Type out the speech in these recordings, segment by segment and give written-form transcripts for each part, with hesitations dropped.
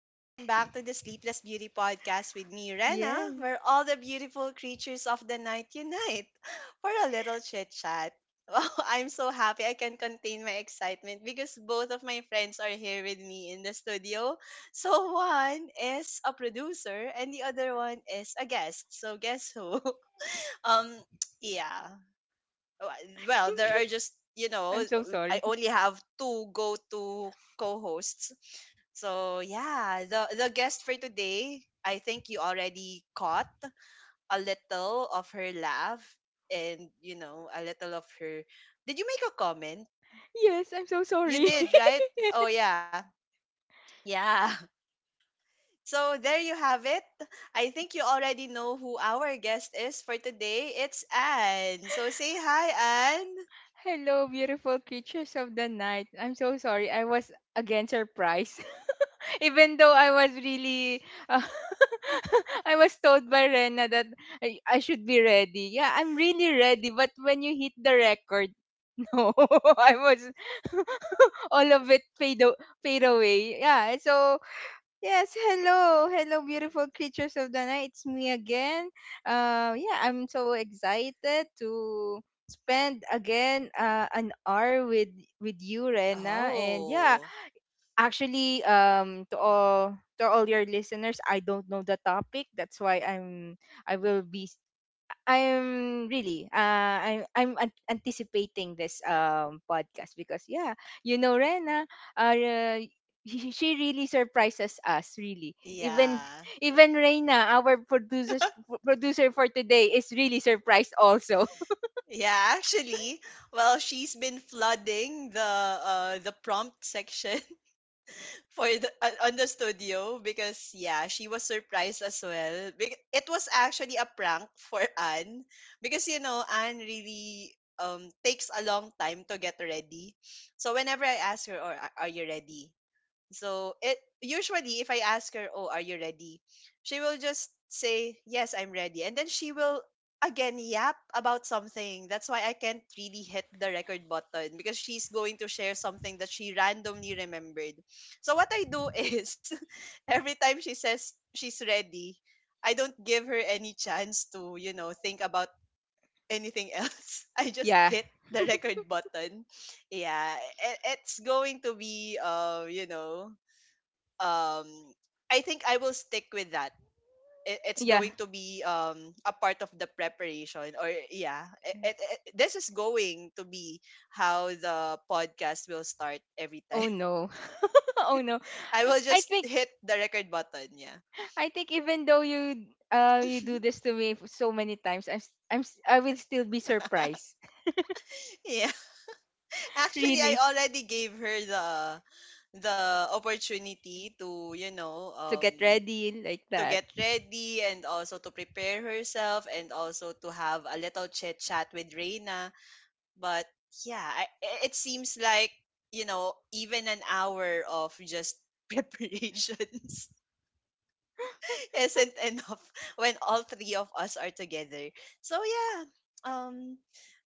Welcome back to the Sleepless Beauty Podcast with me, Rena, Yes, where all the beautiful creatures of the night unite for a little chit chat. Wow, I'm so happy I can contain my excitement because both of my friends are here with me in the studio. So, one is a producer and the other one is a guest. So, guess who? Um, yeah. Oh, well, there are just, you know, I'm so I sorry. only have two go-to co-hosts. So, yeah, the guest for today, I think you already caught a little of her laugh and a little of her. Did you make a comment? Yes, I'm so You sorry. did, right? Oh, yeah. Yeah. So, there you have it. I think you already know who our guest is for today. It's Anne. So, say hi, Anne. Hello, beautiful creatures of the night. I'm so sorry. I was again surprised. Even though I was really, uh, I was told by Rena that I should be ready. Yeah, I'm really ready. But when you hit the record, no, I was all of it fade, fade away. Yeah, so yes, hello. Hello, beautiful creatures of the night. It's me again. Yeah, I'm so excited to spend again an hour with you, Rena. And yeah, Oh. actually, to all your listeners, I don't know the topic. That's why I will be I'm really anticipating this podcast because yeah, you know Rena, uh, uh, she really surprises us really. Even Yeah. even Reina, our producer for today is really surprised also. Yeah, actually, well, she's been flooding the, the prompt section, for the on the studio, because, yeah, she was surprised as well. It was actually a prank for Anne, because you know Anne really takes a long time to get ready. So whenever I ask her, "Or are you ready?" So it usually if I ask her, "Oh, are you ready?" She will just say, "Yes, I'm ready." And then she will again yap about something. That's why I can't really hit the record button, because she's going to share something that she randomly remembered. So what I do is, every time she says she's ready, I don't give her any chance to think about anything else. I just Yeah. hit the record button, yeah. It's going to be, um I think I will stick with that. It's Yeah. going to be a part of the preparation. Or, yeah, this is going to be how the podcast will start every time. Oh no. Oh no. I will I just think hit the record button, yeah. Even though you you do this to me so many times, I will still be surprised. Yeah. Actually, I Really. already gave her the opportunity to, you know, To get um ready like to that. get ready, and also to prepare herself, and also to have a little chit chat with Reina. But, yeah, it seems like, even an hour of just preparations isn't enough when all three of us are together. So, yeah. um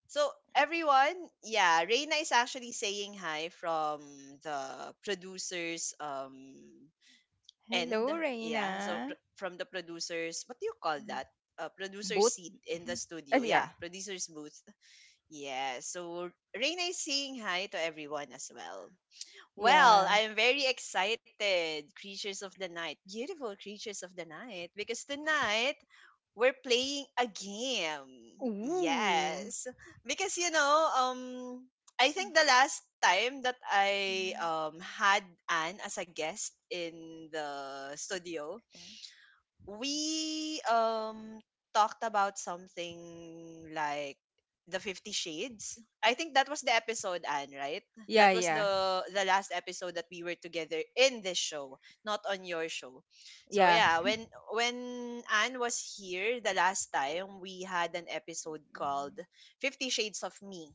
so everyone, yeah, Reina is actually saying hi from the producers, Hello, end. Yeah, so Reina. From the producers, what do you call that, producer Both? seat in the studio? Yeah. Yeah, producer's booth. Yeah, so Reina is saying hi to everyone as well. Well, Yeah. I am very excited, creatures of the night, beautiful creatures of the night, because tonight we're playing a game. Ooh. Yes, because, you know, I think the last time that I Mm. Had Anne as a guest in the studio, we talked about something like the 50 Shades. I think that was the episode, Anne, right? Yeah, That was yeah. the last episode that we were together in this show, not on your show. So, Yeah. yeah, when Anne was here the last time, we had an episode Mm. called 50 Shades of Me,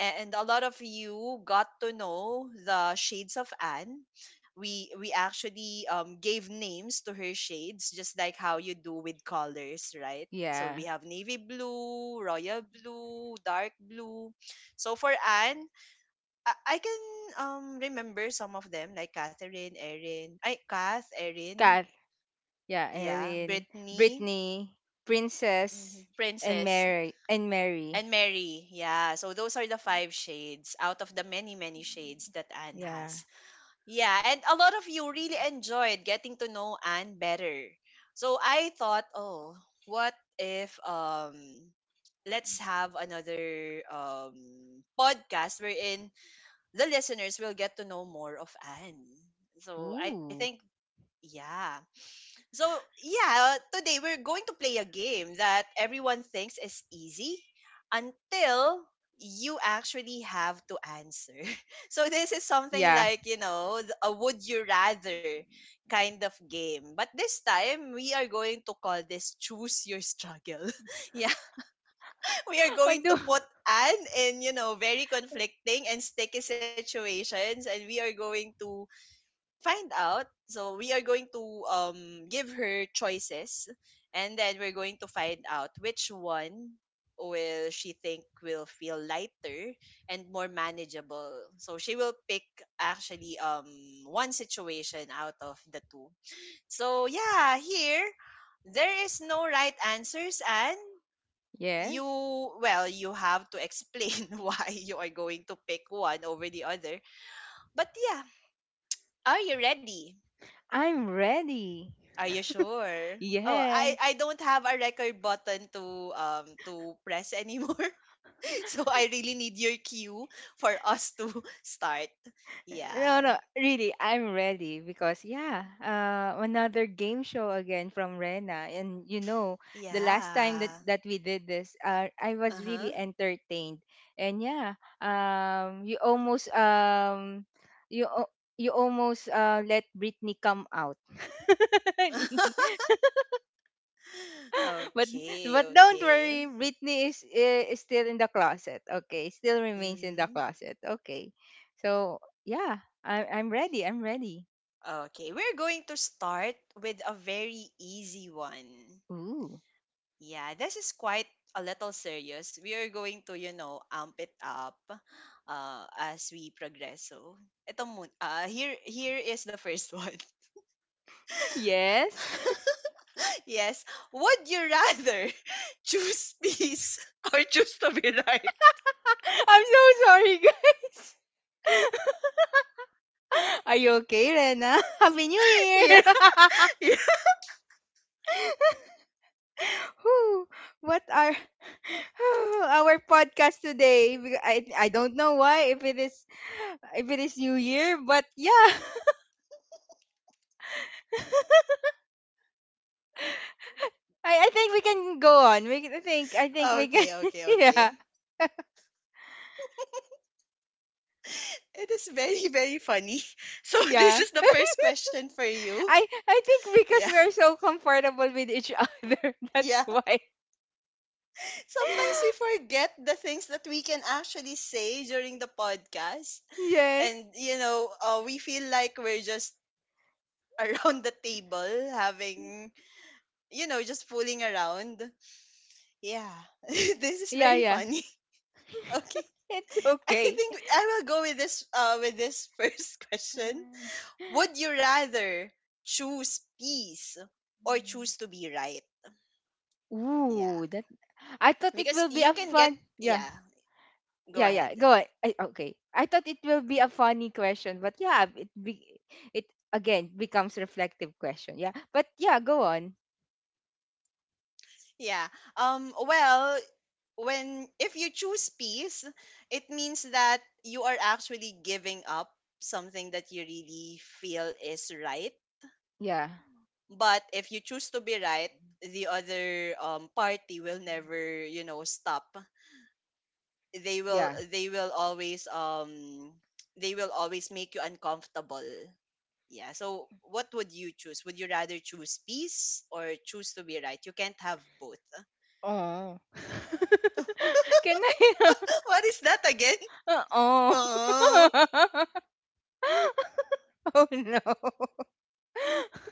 and a lot of you got to know the shades of Anne. We actually, gave names to her shades, just like how you do with colors, right? So Yeah. we have navy blue, royal blue, dark blue. So for Anne, I can remember some of them, like Catherine, Erin, I Kath, Erin, Kat. Yeah, yeah, Erin. Brittany. Brittany. Mm-hmm. Princess. And Princess. Mary. And Mary. And Mary, yeah. So those are the five shades out of the many, many shades that Anne Yeah. has. Yeah, and a lot of you really enjoyed getting to know Anne better. So I thought, oh, what if, let's have another podcast wherein the listeners will get to know more of Anne. So I think, Ooh. yeah. So, yeah, today we're going to play a game that everyone thinks is easy until you actually have to answer. So, this is something Yeah. like, a would you rather kind Mm. of game. But this time, we are going to call this "Choose Your Struggle." Yeah, we are I going to do. put Anne in, you know, very conflicting and sticky situations, and we are going to find out. So we are going to, um give her choices, and then we're going to find out which one will she think will feel lighter and more manageable. So she will pick, actually, one situation out of the two. So, yeah, here there is no right answers, and Yes. you, well, you have to explain why you are going to pick one over the other. But, yeah, are you ready? I'm ready. Are you sure? Oh, Yeah. I don't have a record button to, to press anymore. So I really need your cue for us to start. No, Yeah. no, really, I'm ready because yeah, another game show again from Rena, and you know, the last time that Yeah. that we did this, I was really Uh-huh. entertained, and yeah, um, you almost um, you al- you almost let Britney come out, but Okay, don't okay. worry, Britney is still in the closet. Okay, still remains in the Mhm. closet. Okay, so yeah, I'm ready. I'm ready. Okay, we're going to start with a very easy one. Ooh. Yeah, this is quite a little serious. We are going to, you know, amp it up, as we progress. So, ito muna. Here, here is the first one. Yes. Yes. Would you rather choose peace or choose to be right? I'm so sorry, guys. Are you okay, Rena? Happy New Year! Yeah. Yeah. Whew. What are our podcast today? I don't know why if it is New Year, but yeah, I think we can go on. I think we can. Okay, okay, okay. Yeah, It is very, very funny. So, yeah. this is the first question for you. I think because Yeah. we are so comfortable with each other, that's Yeah. why. Sometimes we forget the things that we can actually say during the podcast. Yes. And, we feel like we're just around the table, having, just fooling around, yeah. This is Yeah, very yeah. funny. Okay, It's I okay. think I will go with this, with this first question. Would you rather choose peace or Uh, choose to be right? Yeah, ooh, that I thought it because will be you a can get, fun. Yeah. yeah, go Yeah, ahead. yeah. Go on. Okay. I thought it will be a funny question, but yeah, it be, it again becomes reflective question. Yeah. But yeah, go on. Yeah, well, when, if you choose peace, it means that you are actually giving up something that you really feel is right. Yeah. But if you choose to be right, the other, party will never, you know, stop. They will Yeah. they will always, they will always make you uncomfortable. Yeah. So what would you choose? Would you rather choose peace or choose to be right? You can't have both. Oh. Can I? What what is that again? Oh. Oh. Oh no.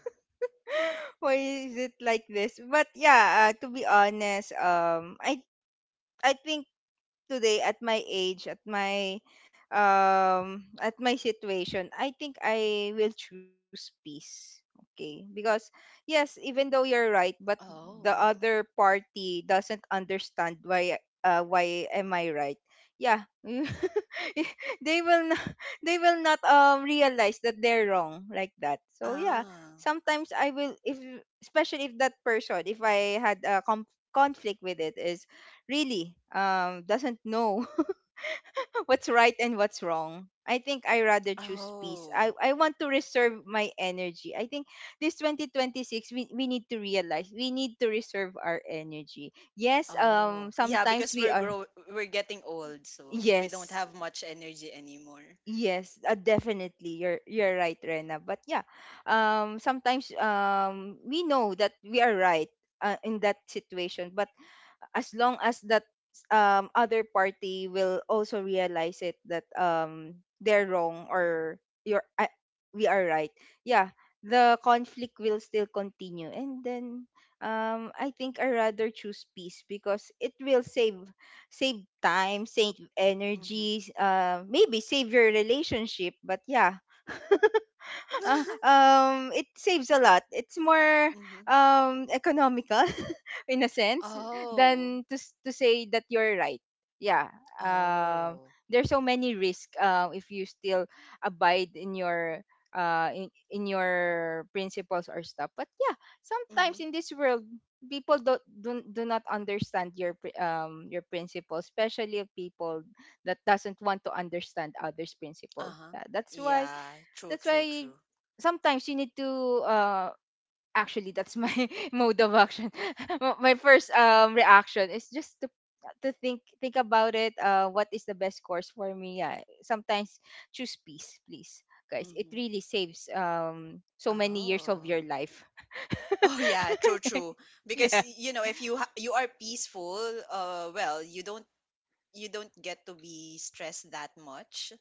Why is it like this? But yeah, to be honest, I think today at my age, at my situation, I think I will choose peace. Okay? Because yes, even though you're right, but the Oh. other party doesn't understand why am I right? Yeah. they will not, they will not realize that they're wrong like that. So yeah, Ah. sometimes I will if especially if that person if I had a conflict with it is really doesn't know what's right and what's wrong. I think I rather choose peace. Oh. I want to reserve my energy. I think this 2026 we need to realize we need to reserve our energy. Yes, Oh. Yeah, sometimes because we are we're getting old, so we don't yes have much energy anymore. yes. Definitely you're right, Rena, but yeah, sometimes we know that we are right in that situation, but as long as that other party will also realize it that they're wrong or you're I, we are right, yeah, the conflict will still continue. And then I think I rather choose peace because it will save time, save Mm-hmm. energies, maybe save your relationship. But yeah, it saves a lot. It's more Mm-hmm. Economical in a sense Oh. than to say that you're right, yeah, um Oh. there's so many risk if you still abide in your in your principles or stuff. But yeah, sometimes Mm-hmm. in this world people don't do, do not understand your your principle, especially people that doesn't want to understand others principle, Uh-huh. yeah, that's why Yeah, true, that's true, why true. sometimes you need to uh actually that's my mode of action. My first reaction is just to think about it. What is the best course for me? Yeah, sometimes choose peace please, guys. It Mm-hmm. really saves so many years of Oh. your life. Oh, yeah, true, true. Because Yeah, you know, if you are peaceful, well, you don't, get to be stressed that much.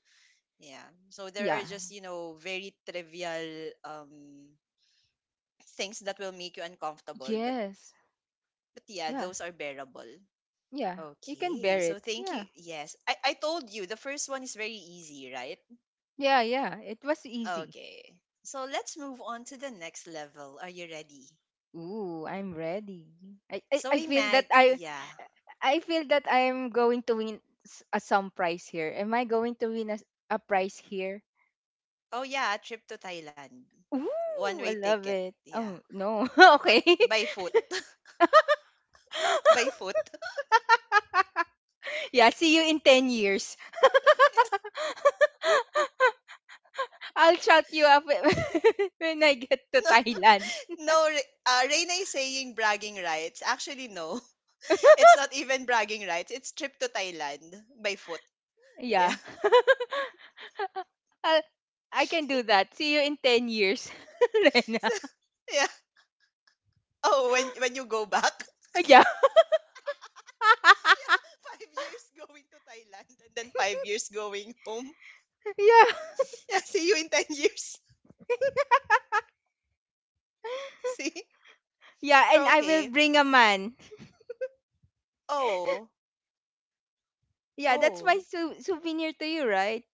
Yeah. So there yeah, are just, you know, very trivial things that will make you uncomfortable, but yes, but yeah, yeah, those are bearable. yeah, you can Okay. bear So it, thank yeah, you. Yes. I told you the first one is very easy, right? yeah, yeah, it was easy. Okay. So let's move on to the next level. Are you ready? Ooh, I'm ready. So I feel that imagine, yeah. I feel that I am going to win s- a some prize here. Am I going to win a prize here? Oh, yeah, a trip to Thailand. One Ooh, way I love ticket. it. Yeah. Oh no. But Okay. by foot. By foot. Yeah, see you in 10 years. I'll shout you up when when I get to Thailand. No, Reina is saying bragging rights. Actually, no. It's not even bragging rights. It's trip to Thailand by foot. Yeah. Yeah. I, I can do that. See you in 10 years. Rena. So, yeah. Oh, when you go back. Yeah. Yeah. 5 years going to Thailand, and then 5 years going home. Yeah. Yeah. See you in 10 years. See. Yeah, and I will Okay. bring a man. Oh. Yeah, that's my Oh. Souvenir to you, right?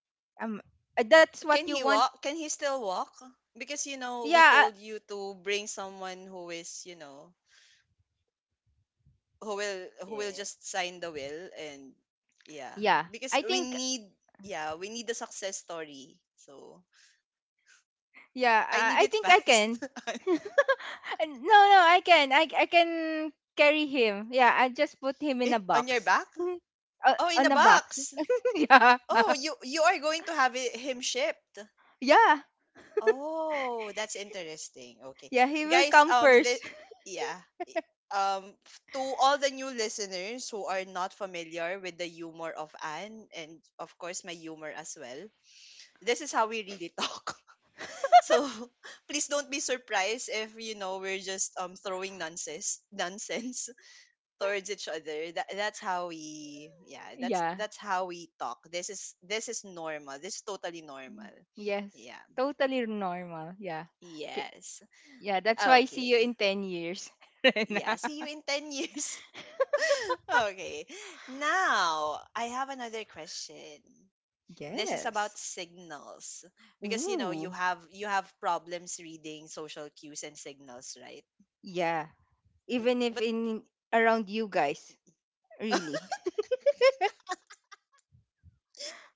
Um, that's what Can you he want. walk? Can he still walk? Because, you know, we Yeah, told you to bring someone who is, you know, who will, uh, just sign the will, and, yeah, yeah. because I we think need, yeah, we need the success story, so Yeah, I need I it think I fast. can. No, no, I can. I can carry him. Yeah, I just put him in in, a on your box. back. Uh, Oh, in a on a box. box. Yeah, Oh, you are going to have him shipped. yeah, Oh, that's interesting. Okay, yeah. He will guys, come the first. yeah I- f- to all the new listeners who are not familiar with the humor of Anne, and of course my humor as well, this is how we really talk. So, please don't be surprised if, you know, we're just throwing nonsense, nonsense towards each other. That's how we, that's Yeah. that's how we talk. This is normal. This is totally normal. Mm. Yes. Yeah. Totally normal. Yeah. K- Yes. Yeah, that's why I see you Okay. in 10 years. Rena. Yeah, see you in 10 years. Okay. Now, I have another question. This is about Yes. signals, because, you know, you Ooh, have, problems reading social cues and signals, right? yeah. Even if But in around you guys, really.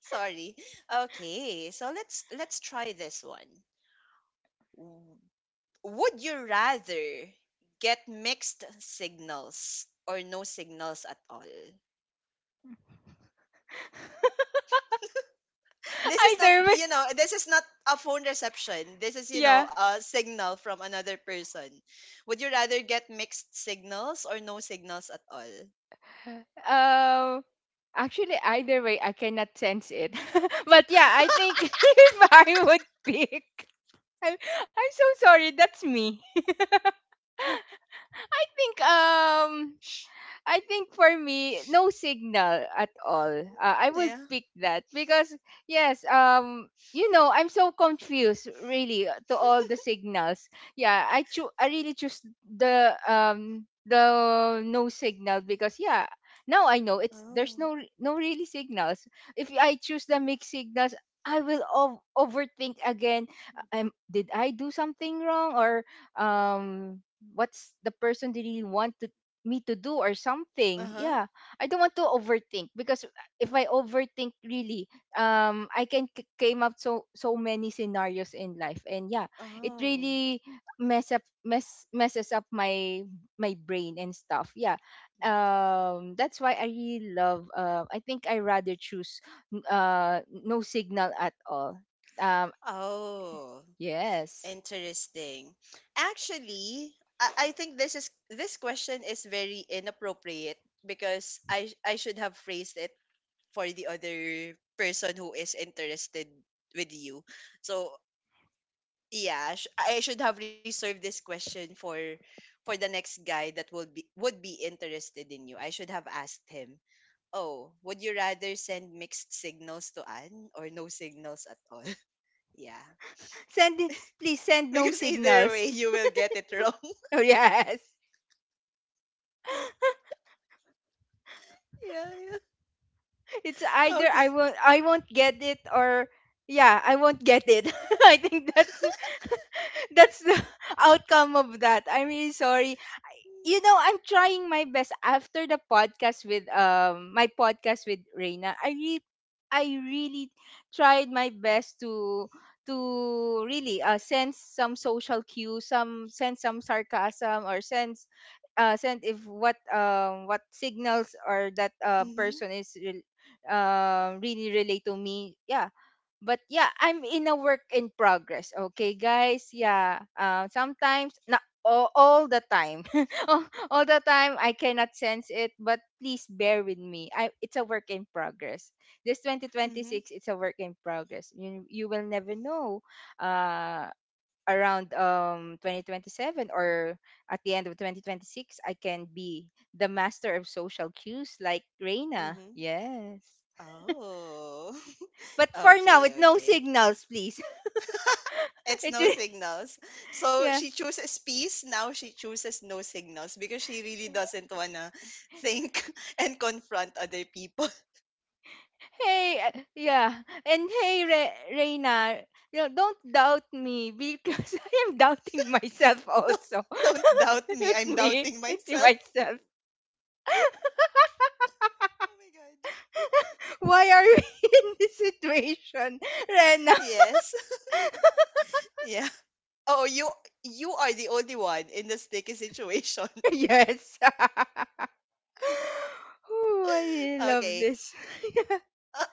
sorry. Okay, so let's, try this one. W- Would you rather get mixed signals or no signals at all? This is not, Either way, you know, this is not a phone reception. This is, you know, yeah. a signal from another person. Would you rather get mixed signals or no signals at all? Um, actually, either way, I cannot sense it. But yeah, I think if I would pick, I'm so sorry. That's me. I think. I think for me, no signal at all. I would Yeah. pick that because yes, you know, I'm so confused really to all the signals. Yeah, I really choose the no signal because yeah, now I know it's there's Oh. no re- no really signals. If I choose the mixed signals, I will overthink again. Did I do something wrong or um what's the person really want to me to do or something? Uh-huh. Yeah, I don't want to overthink because if I overthink really, I can came up so so many scenarios in life, and yeah, it Oh. really messes up my brain and stuff, yeah, that's why I really love. I think I rather choose no signal at all, um Oh. yes. Interesting. Actually, I think this is, this question is very inappropriate, because I should have phrased it for the other person who is interested with you. So I should have reserved this question for the next guy that will be would be interested in you. I should have asked him, "Oh, would you rather send mixed signals to Anne or no signals at all?" yeah. Send, please send no Because either signals. way, you will get it wrong. Oh yes, Yeah, it's either okay. I won't get it or yeah, I won't get it. I think that's the outcome of that. I'm really sorry. You know, I'm trying my best after the podcast with my podcast with Reina. I really tried my best to to really sense some social cues, some sense some sarcasm or sense sense if what what signals or that Mm-hmm. person is really relate to me. Yeah, but yeah, I'm in a work in progress. Okay, guys. Yeah. Sometimes, not all, all the time, all, all the time, I cannot sense it. But please bear with me. I It's a work in progress. This Mm-hmm. 2026, it's a work in progress. You will never know. Uh, around 2027 or at the end of 2026, I can be the master of social cues like Reina. Mm-hmm. Yes. Oh. But for now, okay, with no okay. signals, please. It's It. no signals. So Yeah. she chooses peace, now she chooses no signals because she really doesn't wanna think and confront other people. Hey, yeah. And hey, Reina, you know, don't doubt me because I am doubting myself don't, also. don't doubt me. Not I'm me, doubting it's myself. myself. Oh my god. Why are we in this situation, Rena? Yes. Yeah. Oh, you are the only one in the sticky situation. Yes. Ooh, I really love Okay. this. Yeah. Uh,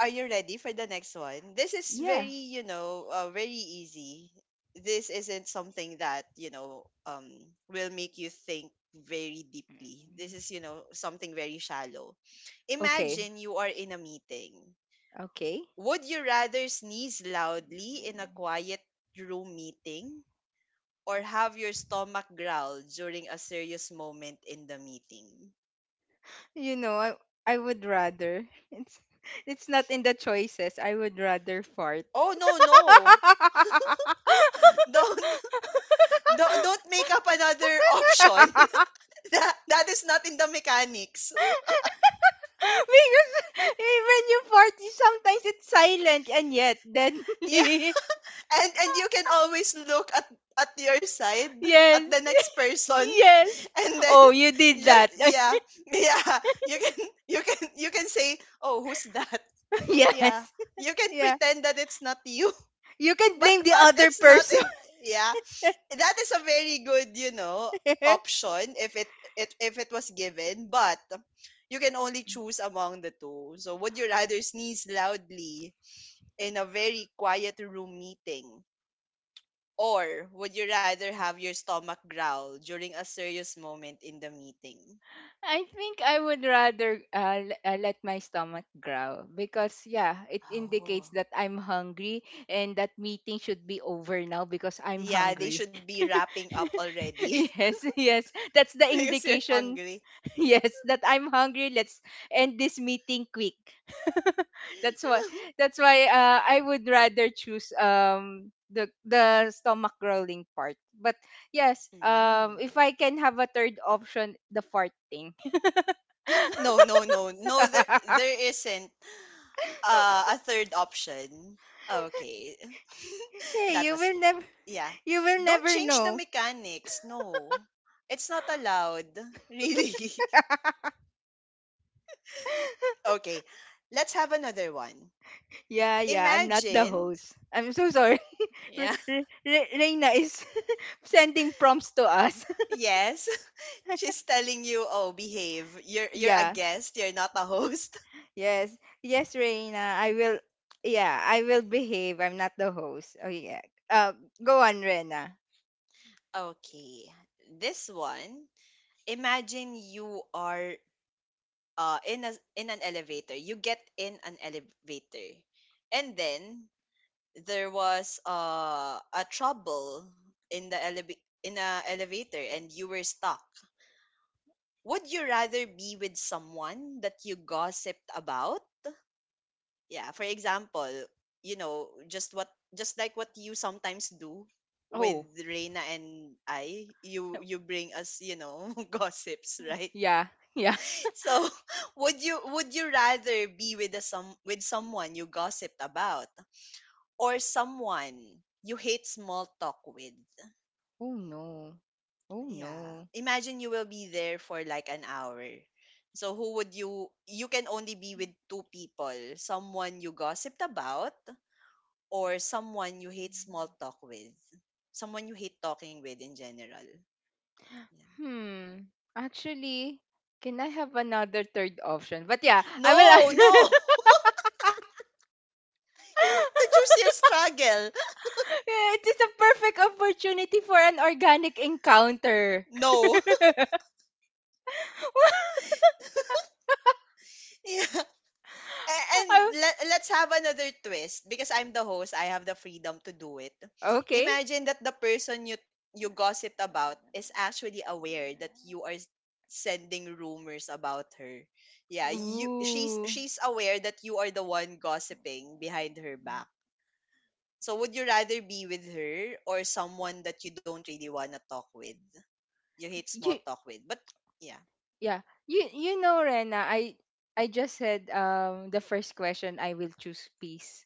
are you ready for the next one? This is Yeah. very, very easy. This isn't something that, will make you think very deeply. This is, something very shallow. Okay. Imagine you are in a meeting. Okay. Would you rather sneeze loudly in a quiet room meeting or have your stomach growl during a serious moment in the meeting? You know, I would rather it's it's not in the choices. I would rather fart Oh, no, because no. Don't do, don't make up another option that, that is not in the mechanics even you party, sometimes it's silent and yet yeah deadly. and you can always look at your side at Yes. the next person Yes. and then Oh, you did just that. yeah yeah you can you can you can say oh who's that yeah Yes. you can Yeah. pretend that it's not you You can blame the but other it's not person. in yeah that is a very good option if it, it if it was given but you can only choose among the two so would you rather sneeze loudly in a very quiet room meeting or would you rather have your stomach growl during a serious moment in the meeting I think I would rather let my stomach growl because, yeah, it oh indicates that I'm hungry and that meeting should be over now because I'm yeah they hungry. should be wrapping up already Yes, yes. That's the because you're indication. hungry Yes, that I'm hungry. Let's end this meeting quick. That's why I would rather choose the stomach growling part. But yes, Mm. if I can have a third option, the fart thing. No, no, no, no. There isn't a third option. Okay, Hey, that you was will never yeah. Don't change the know. mechanics. No, it's not allowed. Really. Okay, let's have another one. Yeah, yeah, I'm not the Imagine. host. I'm so sorry. Yeah. Reina is sending prompts to us. Yes. She's telling you, "Oh, behave. You're a Yeah. guest. You're not a host." Yes. Yes, Reina. I will. Yeah, I will behave. I'm not the host. Oh yeah. Uh, go on, Reina. Okay. This one. Imagine you are in an elevator. You get in an elevator. And then there was a trouble in the eleva- in a elevator and you were stuck. Would you rather be with someone that you gossiped about? Yeah, for example, you know, just what just like what you sometimes do with Oh. Reina and I, you No. you bring us, you know, gossips, right? Yeah. Yeah. So, would you rather be with a some with someone you gossiped about or someone you hate small talk with? Oh no. Oh Yeah. no. Imagine you will be there for like an hour. So who would you can only be with two people, someone you gossiped about or someone you hate small talk with. Someone you hate talking with in general. Yeah. Hmm. Actually, can I have another third option? But yeah, I will. No, no. you have to choose your struggle. Yeah, it is a perfect opportunity for an organic encounter. No. Yeah. A- And I, let, let's have another twist because I'm the host, I have the freedom to do it. Okay. Imagine that the person you gossip about is actually aware that you are s- sending rumors about her. Yeah, you she's Ooh. she's aware that you are the one gossiping behind her back. So would you rather be with her or someone that you don't really want to talk with? You hate small You talk with. But yeah. yeah. You know Rena, I just said the first question I will choose peace.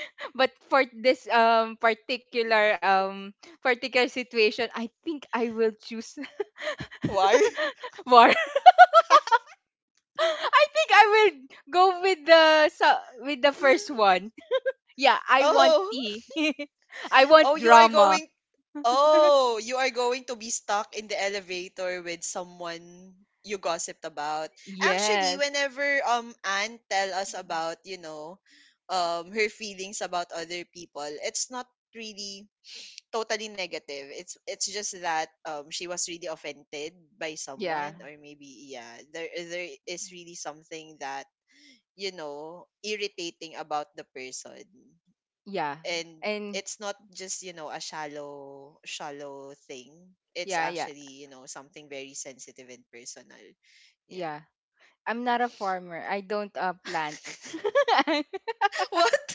But for this particular situation, I think I will choose Why? war. I think I will go with the Yeah. first one. Yeah, I want Oh. tea. I want Oh, you are drama. going Oh, you are going to be stuck in the elevator with someone you gossiped about. Actually, Yes. whenever Anne tell us about, you know, her feelings about other people, it's not really totally negative. It's just that she was really offended by Yeah. someone or maybe yeah, there is really something that, you know, irritating about the person Yeah. and And it's not just you know a shallow thing it's yeah, yeah, actually you know something very sensitive and personal yeah yeah. I'm not a farmer. I don't plant. I'm what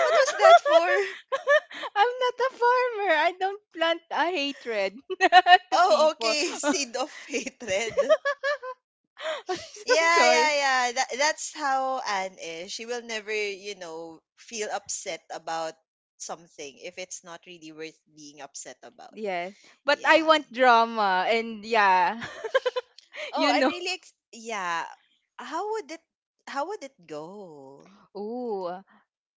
what was that for not a farmer. I don't plant a hatred to oh people. okay seed of hatred I'm so yeah yeah sorry. yeah that, that's how anne is she will never you know feel upset about something if it's not really worth being upset about Yes. But I yeah want drama and yeah. oh you I'm know. really ex- yeah how would it how would it go Ooh.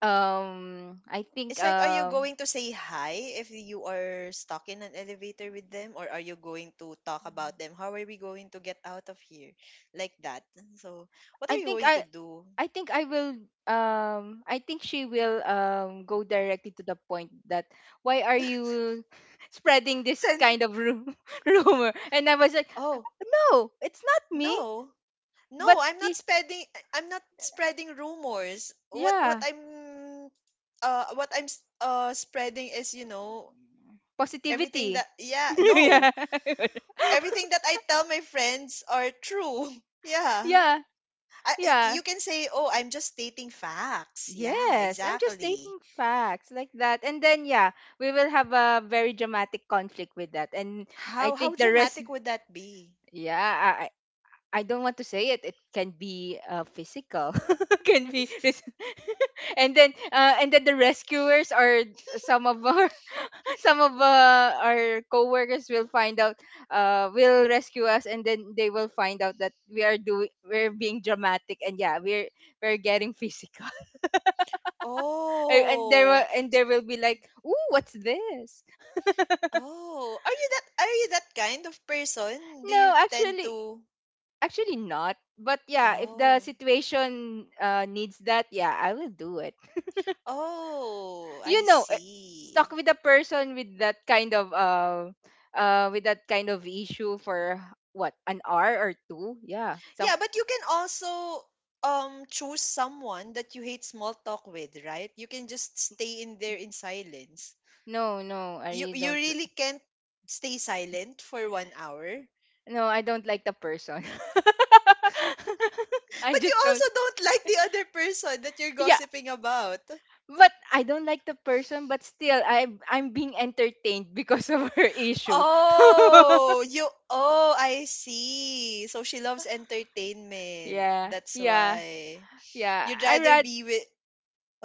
Um I think It's like, are you um going to say hi if you are stuck in an elevator with them? Or are you going to talk about them? How are we going to get out of here? Like that. So, what I are you think going to I do? I think I will I think she will go directly to the point that why are you spreading this Send kind of rumor, and I was like, Oh, no, it's not me, no. but No, I'm not spreading I'm not spreading rumors. Yeah, What I'm spreading is, you know, everything positivity. that yeah, no. Yeah. Everything that I tell my friends are true. Yeah. Yeah, I- yeah, you can say, "Oh, I'm just stating facts." Yeah, yes, I'm just exactly. stating facts like that, and then yeah, we will have a very dramatic conflict with that. And I How think the rest, dramatic would that be? yeah, I don't want to say it. It can be physical, can be, and then the rescuers, or some of our some of our coworkers will find out, will rescue us, and then they will find out that we are doing we're being dramatic, and yeah, we're getting physical, and and there Oh, will and there will be like, ooh, what's this? oh, are you that kind of person? Do you No, tend actually, to? actually not. But yeah, if the Oh, situation needs that, yeah, I will do it, oh, I you know eh, see. stuck with a person with that kind of issue for, what, an hour or two. Yeah, some. Yeah, but you can also choose someone that you hate small talk with, right? You can just stay in there in silence. No, no, I You really you don't really li- can't stay silent for 1 hour. No, I don't like the person. I But you just don't. also don't like the other person that you're Yeah. gossiping about. But I don't like the person, but still I'm being entertained because of her issue. Oh, you oh, I see. So she loves entertainment. Yeah, That's yeah, why. yeah, You'd I rather rather, be with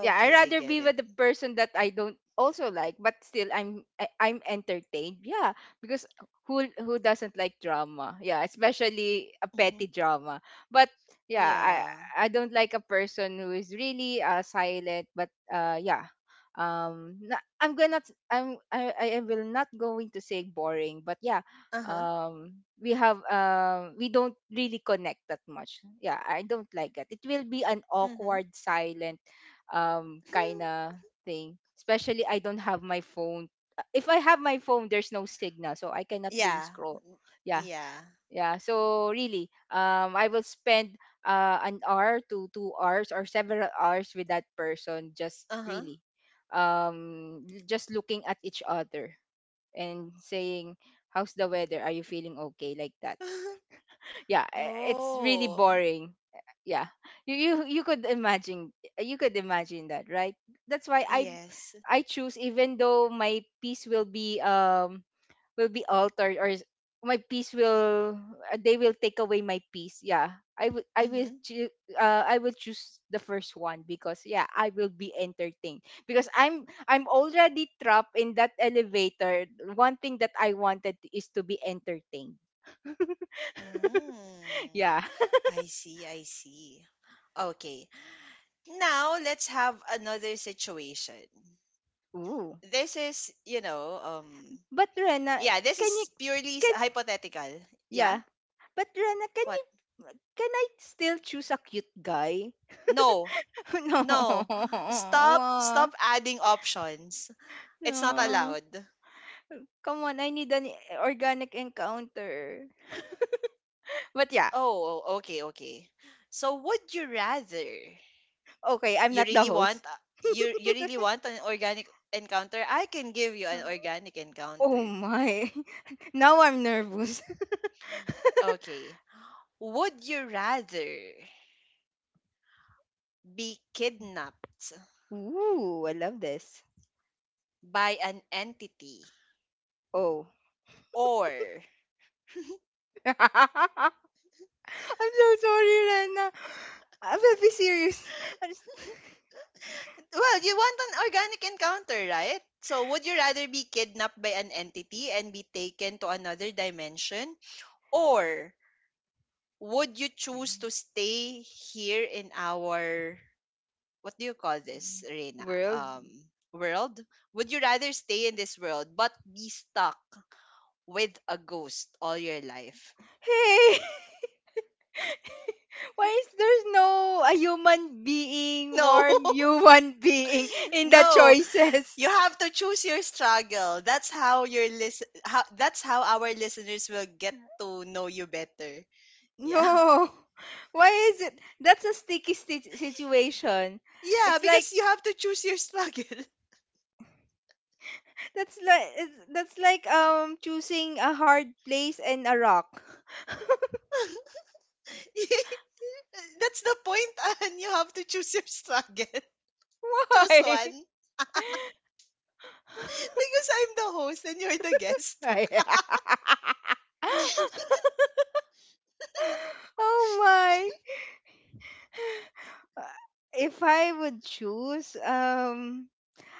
yeah, I I rather get be it. with the person that I don't also like, but still I'm entertained. Yeah, because who doesn't like drama, yeah, especially a Mm-hmm. petty drama. But yeah, i Yeah. i don't like a person who is really silent, but yeah. Um na- i'm gonna i'm I, I will not going to say boring, but yeah, Uh-huh. We don't really connect that much. Yeah, I don't like that. It will be an Mm-hmm. awkward silence, kind of thing. Especially I don't have my phone. If I have my phone, there's no signal, so I cannot doom yeah. scroll. Yeah, Yeah. yeah. So really, I will spend an hour to 2 hours or several hours with that person. Just Uh-huh. really, just looking at each other and saying, "How's the weather? Are you feeling okay?" Like that. Yeah, it's really oh. boring. Yeah. you you, you could imagine you could imagine, that, right? That's why i Yes. i choose, even though my piece will be altered, or is- my piece will they will take away my piece. Yeah, i will i Mm-hmm. will choo- uh, i will choose the first one, because yeah, I will be entertained, because I'm already trapped in that elevator. One thing that I wanted is to be entertained. Mm. Yeah. I see, I see. Okay. Now let's have another situation. Ooh. This is, But Rena, yeah, this can you, is purely s- can, hypothetical. Yeah? yeah? But Rena, can What? you can I still choose a cute guy? No. No. No. Stop Wah. stop adding options. It's not No. allowed. Come on, I need an organic encounter. But yeah, Oh, okay, okay. So would you rather okay, I'm not the host. You really want an organic encounter? I can give you an organic Oh encounter. my, now I'm nervous. Okay. Would you rather be kidnapped Ooh, I love this. by an entity Oh, or well I'm so sorry, Rena. I'm very serious. I'm. you want an organic encounter right so would you rather be kidnapped by an entity and be taken to another dimension or would you choose to stay here in our what do you call this Rena World. World would you rather stay in this world but be stuck with a ghost all your life Hey! Why is there's no a human being, no warm human being in the no choices? You have to choose your struggle. That's how your list. How that's how our listeners will get to know you better. Yeah, No. Why is it? That's a sticky situation. yeah, It's like because you have to choose your struggle. that's like it's, that's like choosing a hard place and a rock. that's the point, and you have to choose your struggle. Choose Why? one because I'm the host and you're the guest. Why? Oh my. If I would choose,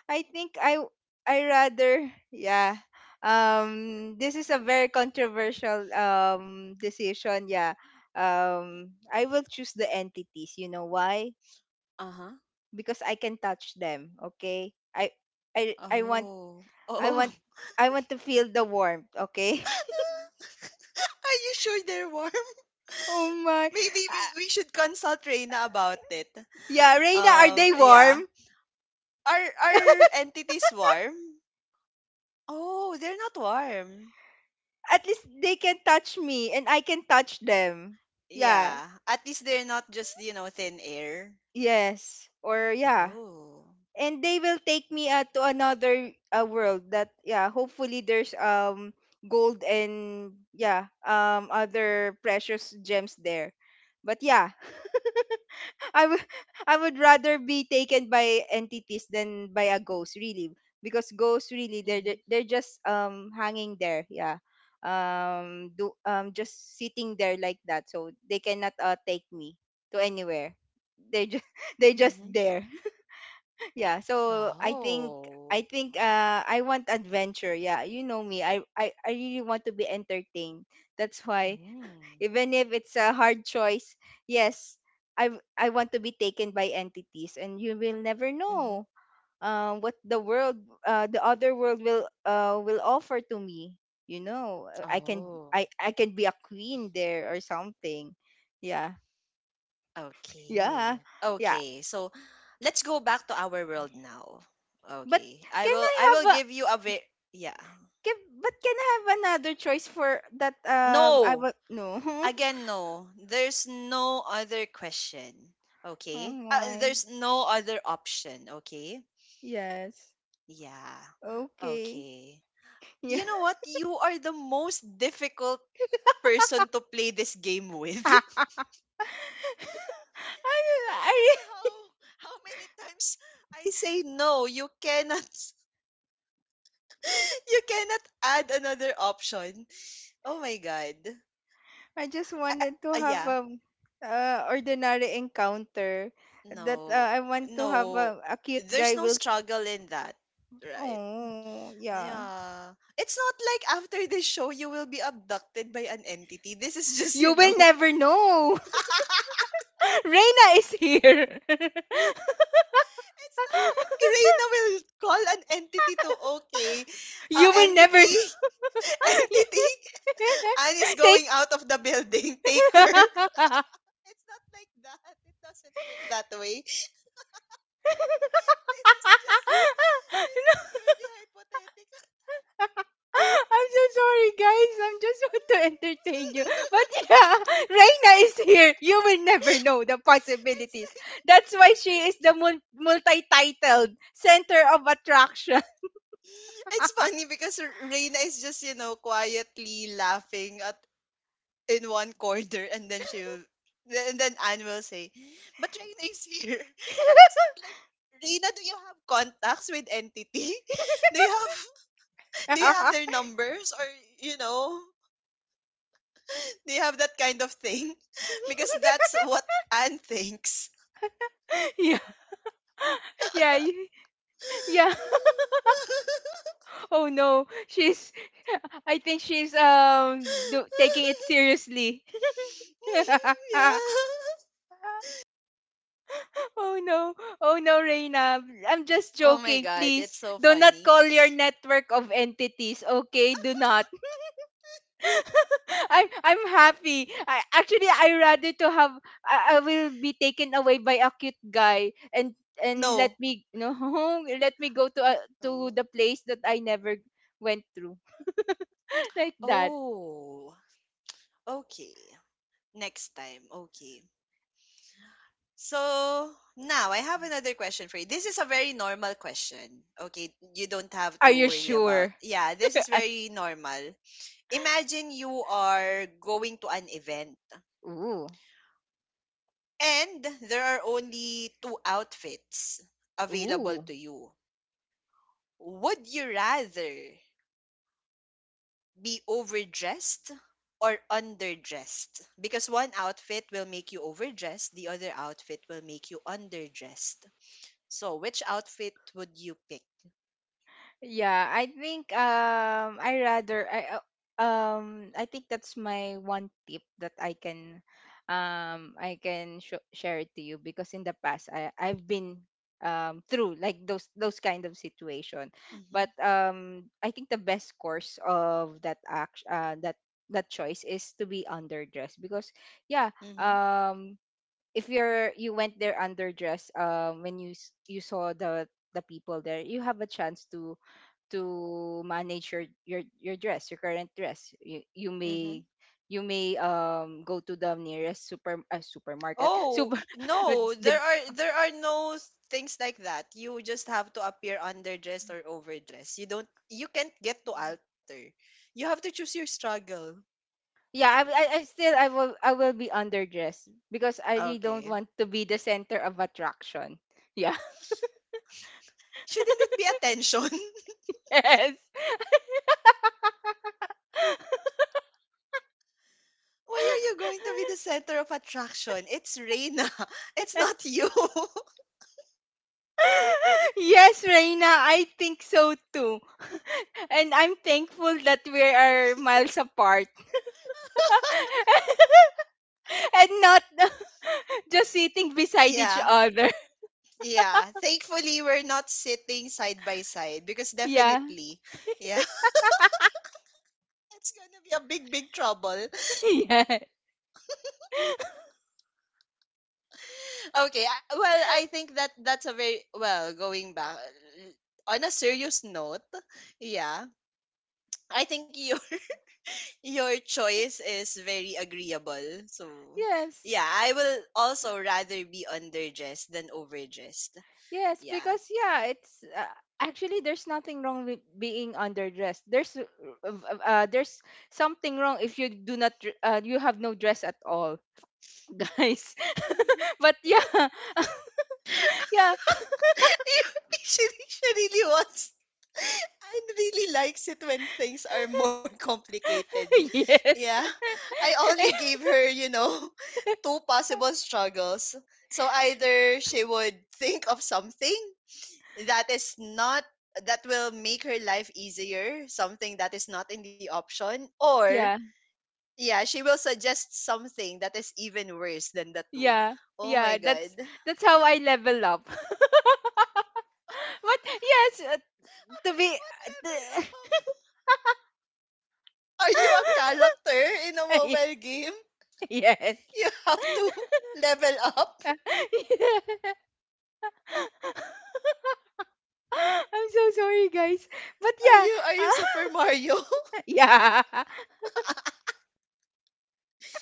I think I rather, yeah. This is a very controversial decision, yeah. I will choose the entities, you know why? Uh huh. Because I can touch them, okay? I I want Oh, I oh. want I want to feel the warmth, okay? Are you sure they're warm? Oh my. Maybe Ah, we should consult Reina about it. yeah, Reina, are they Yeah. warm? Are entities warm? Oh, they're not warm. At least they can touch me and I can touch them. Yeah. Yeah. At least they're not just, you know, thin air. Yes. Or yeah. Oh. And they will take me to another world, that yeah, hopefully there's gold and yeah, other precious gems there. But yeah, I would I would rather be taken by entities than by a ghost, really, because ghosts really, Mhm. They're just hanging there, yeah, do just sitting there like that, so they cannot take me to anywhere. They just they're just Mhm. there, yeah. So I think, Oh. I want adventure. Yeah, you know me, I really want to be entertained, that's why, Hmm. even if it's a hard choice. Yes, I want to be taken by entities, and you will never Mm. Mhm. know what the other world will offer to me, you know. I can Oh. i i can be a queen there or something. Yeah. Okay. Yeah. yeah Okay. So, let's go back to our world now. but Okay. I can will I i will have a give you a very yeah. Can I have another choice for that? I No. will. No. Oh again no there's no other question okay my. there's no other option okay Yes. yeah Okay. okay Yeah. you know what you are the most difficult person to play this game with I, no I matter how many times I say no you cannot you cannot add another option oh my god I just wanted to have yeah a ordinary encounter, no that I want to have no a, cute there's guy no will. struggle in that right Oh yeah. Yeah. It's not like after this show you will be abducted by an entity. This is just, You you know. will never it's know. Reina is here. not like Reina will call an entity to okay. Uh, You will never know. entity, entity, and is going Take. out of the building. Take her. It's not like that. It doesn't work that way. This is just this is purely hypothetical. I'm so sorry, guys. I'm just want to entertain you. But yeah, Reina is here. You will never know it's the possibilities. That's why she like is the multi-titled center of attraction. It's funny because R- Reina is just, you know, quietly laughing at in one corner and then she'll and then Anne will say, But Reina is here. It's not like Reina, do you have contacts with entity? Do you have their numbers or you know, do you have that kind of thing? Because that's what Anne thinks. Yeah, yeah, yeah. Oh no, she's. I think she's taking it seriously. yeah. Oh no. Oh no, Reina. I'm just Oh my joking. god, it's Please so do not funny. call your network of entities. Okay? Do not. I'm happy. I actually, I rather to have I will be taken away by a cute guy, and let No. me no, let me go to to No. the place that I never went through, like that. Oh, okay. Next time. Okay. So now I have another question for you. This is a very normal question. Okay. You don't have Are to you worry about. sure? Yeah, this is I, very normal. Imagine you are going to an event ooh. and there are only two outfits available Ooh. to you. Would you rather be overdressed or underdressed because one outfit will make you overdressed, the other outfit will make you underdressed. So, which outfit would you pick? Yeah, I think, I rather I think that's my one tip that I can, I can share it to you, because in the past, I've been through, like, those kind of situation. But Mm-hmm. I think the best course of that act, uh, that choice, is to be underdressed, because yeah, Mm-hmm. If you went there underdressed, when you you saw the people there, you have a chance to manage your dress your current dress. You mm-hmm. may, go to the nearest super, supermarket, super. Oh, It's no, the. there are no things like that. You just have to appear underdressed or overdressed. You can't get to alter. You have to choose your struggle. Yeah, I will be underdressed, because I really don't Okay. want to be the center of attraction. Yeah. Shouldn't it be attention? Yes. Why are you going to be the center of attraction? It's Reina. It's not you. Yes, Reina, I think so too. And I'm thankful that we are miles apart and not just sitting beside each yeah. other. Yeah. Thankfully we're not sitting side by side because Yeah. definitely yeah, it's gonna be a big, big trouble. Yeah. Okay. Well, I think that's a very well going back on a serious note. Yeah, I think your your choice is very agreeable. So Yes. yeah, I will also rather be underdressed than overdressed. Yes, Yeah. because yeah, it's actually there's nothing wrong with being underdressed. There's something wrong if you do not you have no dress at all, guys. But yeah. Yeah. she really wants and really likes it when things are more complicated. Yes. Yeah. I only gave her, two possible struggles. So either she would think of something that is not that will make her life easier, something that is not in the option, or Yeah. yeah, she will suggest something that is even worse than the two. Yeah. Oh Yeah, my that's god. How I level up. But yes, to be What level up? Are you a character in a mobile game? yes. You have to level up? I'm so sorry, guys. But Are yeah, you are you Super Mario? yeah.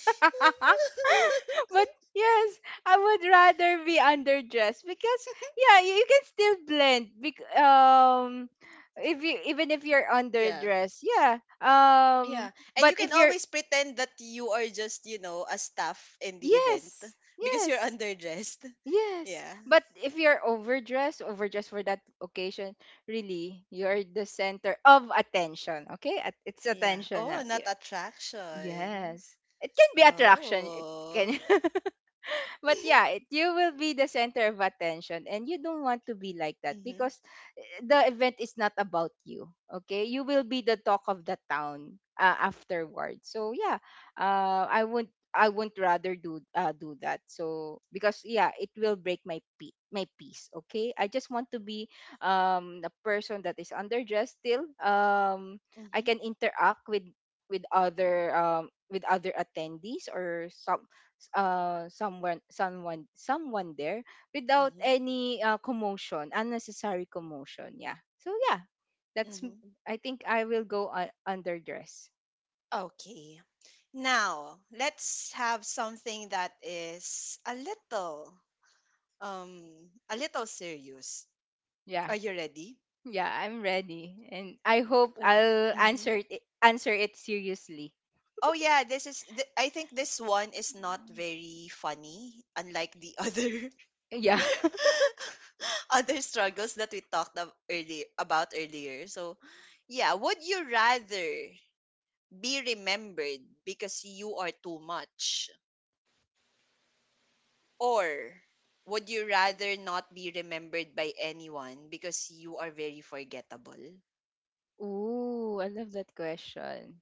But yes, I would rather be underdressed, because yeah, you can still blend. Bec- if you Even if you're Yeah. underdressed, yeah. Yeah. And you But can if you're always pretend that you are just, you know, a staff in the event Yes, because you're yes, underdressed. yes. Yeah. But if you're overdressed, for that occasion, really, you're the center of attention. Okay, it's Yeah. attention Oh, now. not Yeah. attraction. Yes, it can be attraction. It Oh. can. But yeah, you will be the center of attention, and you don't want to be like that, Mhm. because the event is not about you. Okay, you will be the talk of the town afterward. So yeah, uh, I won't I won't rather do that. So because yeah, it will break my my peace. Okay, I just want to be a person that is underdressed still. I Mhm. can interact with, with other attendees, or someone there without Mhm. any commotion, unnecessary commotion. Yeah. So yeah, that's. m- Mhm. I think I will go, underdress. Okay. Now, let's have something that is um a little serious. Yeah, Are you ready? yeah, I'm ready, and I hope I'll Mm-hmm. answer it, seriously. Oh yeah, I think this one is not Um, very funny unlike the other Yeah. other struggles that we talked of early about earlier. So, yeah, would you rather be remembered because you are too much? Or would you rather not be remembered by anyone because you are very forgettable? Ooh, I love that question.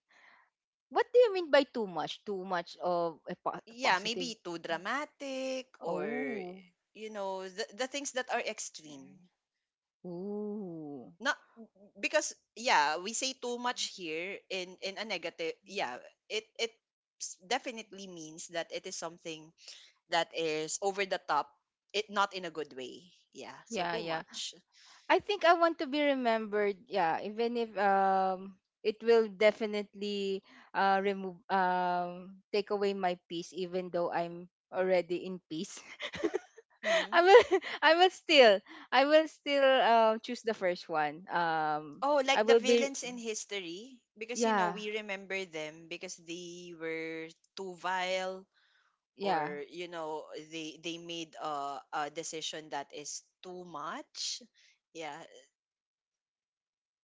What do you mean by too much? Too much of a Yeah, positive? maybe too dramatic or Oh. you know, the things that are extreme. Ooh. Not because yeah, we say too much here in a negative. Yeah, it definitely means that it is something that is over the top. It not in a good way. Yeah, so Yeah, too yeah. much. I think I want to be remembered. Yeah, even if it will definitely remove take away my peace, even though I'm already in peace. Mm-hmm. I will I will still I will still choose the first one. Oh, I like the will be, villains in history? Because, you know, yeah, we remember them because they were too vile yeah. or, you know, they made a decision that is too much. Yeah.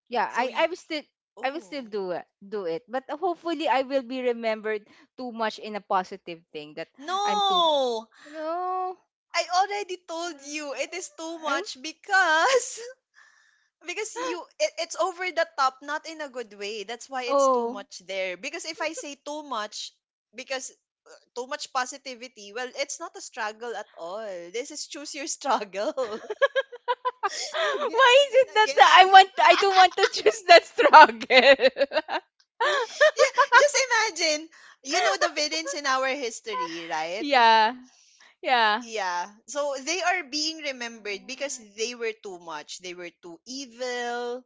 Yeah, So, y- I will still oh. do it, But hopefully I will be remembered too much in a positive thing that I'm too. No! No. I already told you it is too uh, much because because you it's over the top, not in a good way. That's why it's too Oh. much there. Because if I say too much, because too much positivity, well, it's not a struggle at all. This is choose your struggle Why again is it and that again. I don't want to choose that struggle? Yeah, just imagine, you know the villains in our history, right? Yeah. Yeah. Yeah. So they are being remembered because they were too much. They were too evil.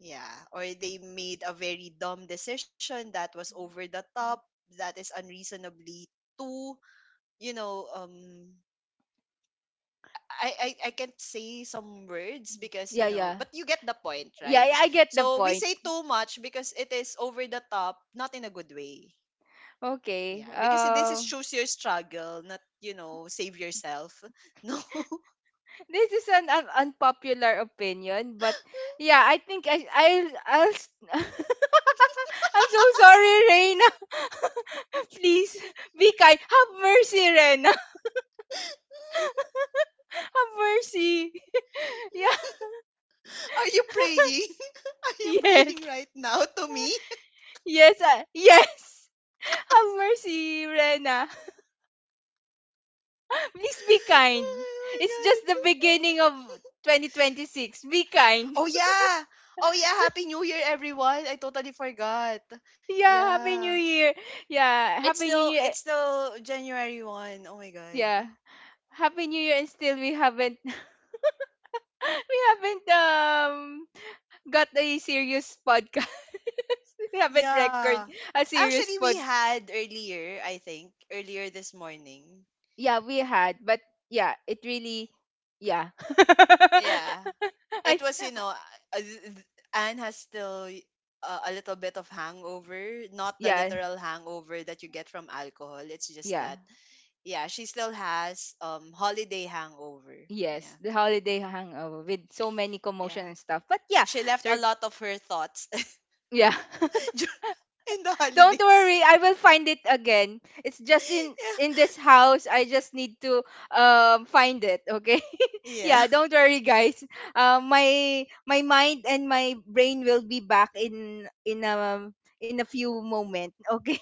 Yeah. Or they made a very dumb decision that was over the top, that is unreasonably too, you know, I can't say some words because you Yeah, know yeah. but you get the point, Yeah, right? yeah, I get the So we point. say too much because it is over the top, not in a good way. Okay. Yeah, because this is choose your struggle, not, you know, save yourself. No. This is an, un unpopular opinion, but yeah, I think I'll I'm so sorry, Reina. Please be kind. Have mercy, Rena. Have mercy. Yeah. Are you praying? Are you Yes. praying right now to me? Yes, ah, yes. Have mercy, Rena. Please be kind. Oh my It's just the god. beginning of 2026. Be kind. Oh yeah. Oh yeah, happy new year everyone. I totally forgot. Yeah, Happy Yeah. New Year. Yeah, It's Happy New still Year. it's still January 1. Oh my god. Yeah. Happy New Year, and still we haven't we haven't got a serious podcast. We haven't record Yeah. a serious Actually we pod. had earlier, I think, earlier this morning. Yeah, we had, but yeah, it really. Yeah. Yeah. I It was you know Anne has still a little bit of hangover, not the yeah, literal hangover that you get from alcohol. It's just yeah. that yeah, she still has holiday hangover. Yes, Yeah. the holiday hangover with so many Yeah. commotion and stuff. But yeah, She left a sir, lot of her thoughts yeah. dur- in the Don't holidays. worry, I will find it again. It's just Yeah. in this house. I just need to find it, okay? Yeah. Yeah, don't worry, guys. My mind and my brain will be back in a few moment, okay?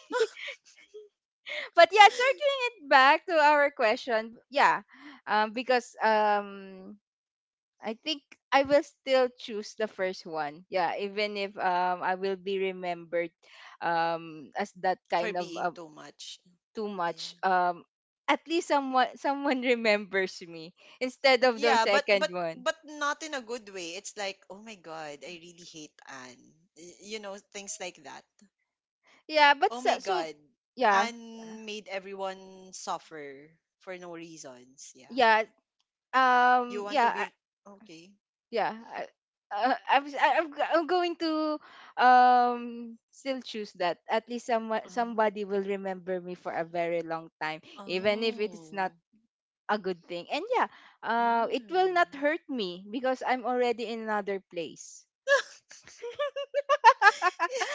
But yeah, circling it back to our question. Yeah. Because I think I will still choose the first one. Yeah, even if I will be remembered as that For kind of, being too much. too Yeah. much, at least someone someone remembers me, instead of the Yeah, but second one. Not in a good way. It's like, oh my god, I really hate Anne. You know, things like that. Yeah, but Oh so, my God. yeah, Anne made everyone suffer for no reasons. Yeah. yeah, You want to yeah, be okay. yeah. I, I'm, s- I- I'm g- I'm going to, um still choose that. At least someone Oh. somebody will remember me for a very long time, even if it's not Oh. a good thing. And yeah, it will not Mm. hurt me, because I'm already in another place.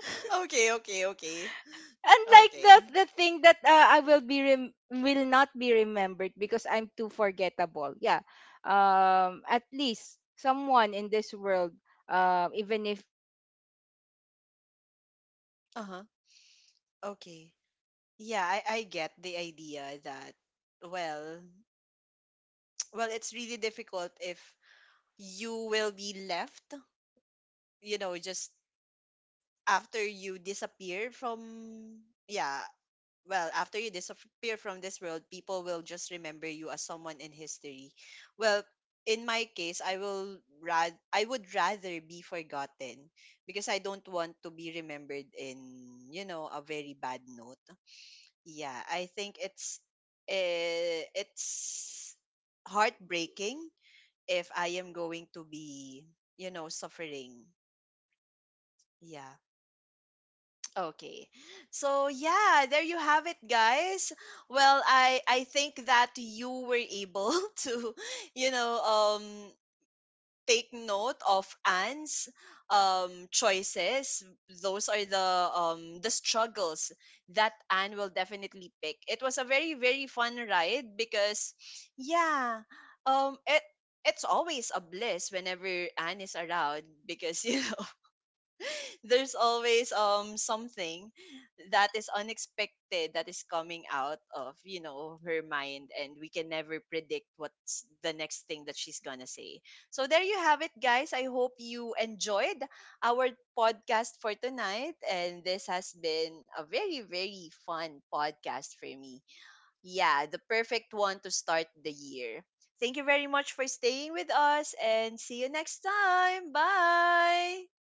Okay, okay, okay. Unlike the Okay. Thing that, I will not be remembered because I'm too forgettable. Yeah. At least someone in this world, even if I pass on, Uh-huh. yeah, Okay. Yeah, I get the idea that well well it's yeah. really difficult if you will be left, you know, just after you disappear from yeah, well, after you disappear from this world, people will just remember you as someone in history. Well, in my case, I will rad I would rather be forgotten because I don't want to be remembered in, you know, a very bad note. Yeah, I think it's heartbreaking if I am going to be, you know, suffering. Yeah. Okay. So yeah, there you have it guys. Well, I think that you were able to, you know, take note of Anne's choices. Those are the struggles that Anne will definitely pick. It was a very very fun ride because yeah, um it it's always a bliss whenever Anne is around because you know there's always something that is unexpected that is coming out of, you know, her mind, and we can never predict what's the next thing that she's gonna say. So there you have it guys. I hope you enjoyed our podcast for tonight, and this has been a very very fun podcast for me. Yeah, the perfect one to start the year. Thank you very much for staying with us, and see you next time. Bye.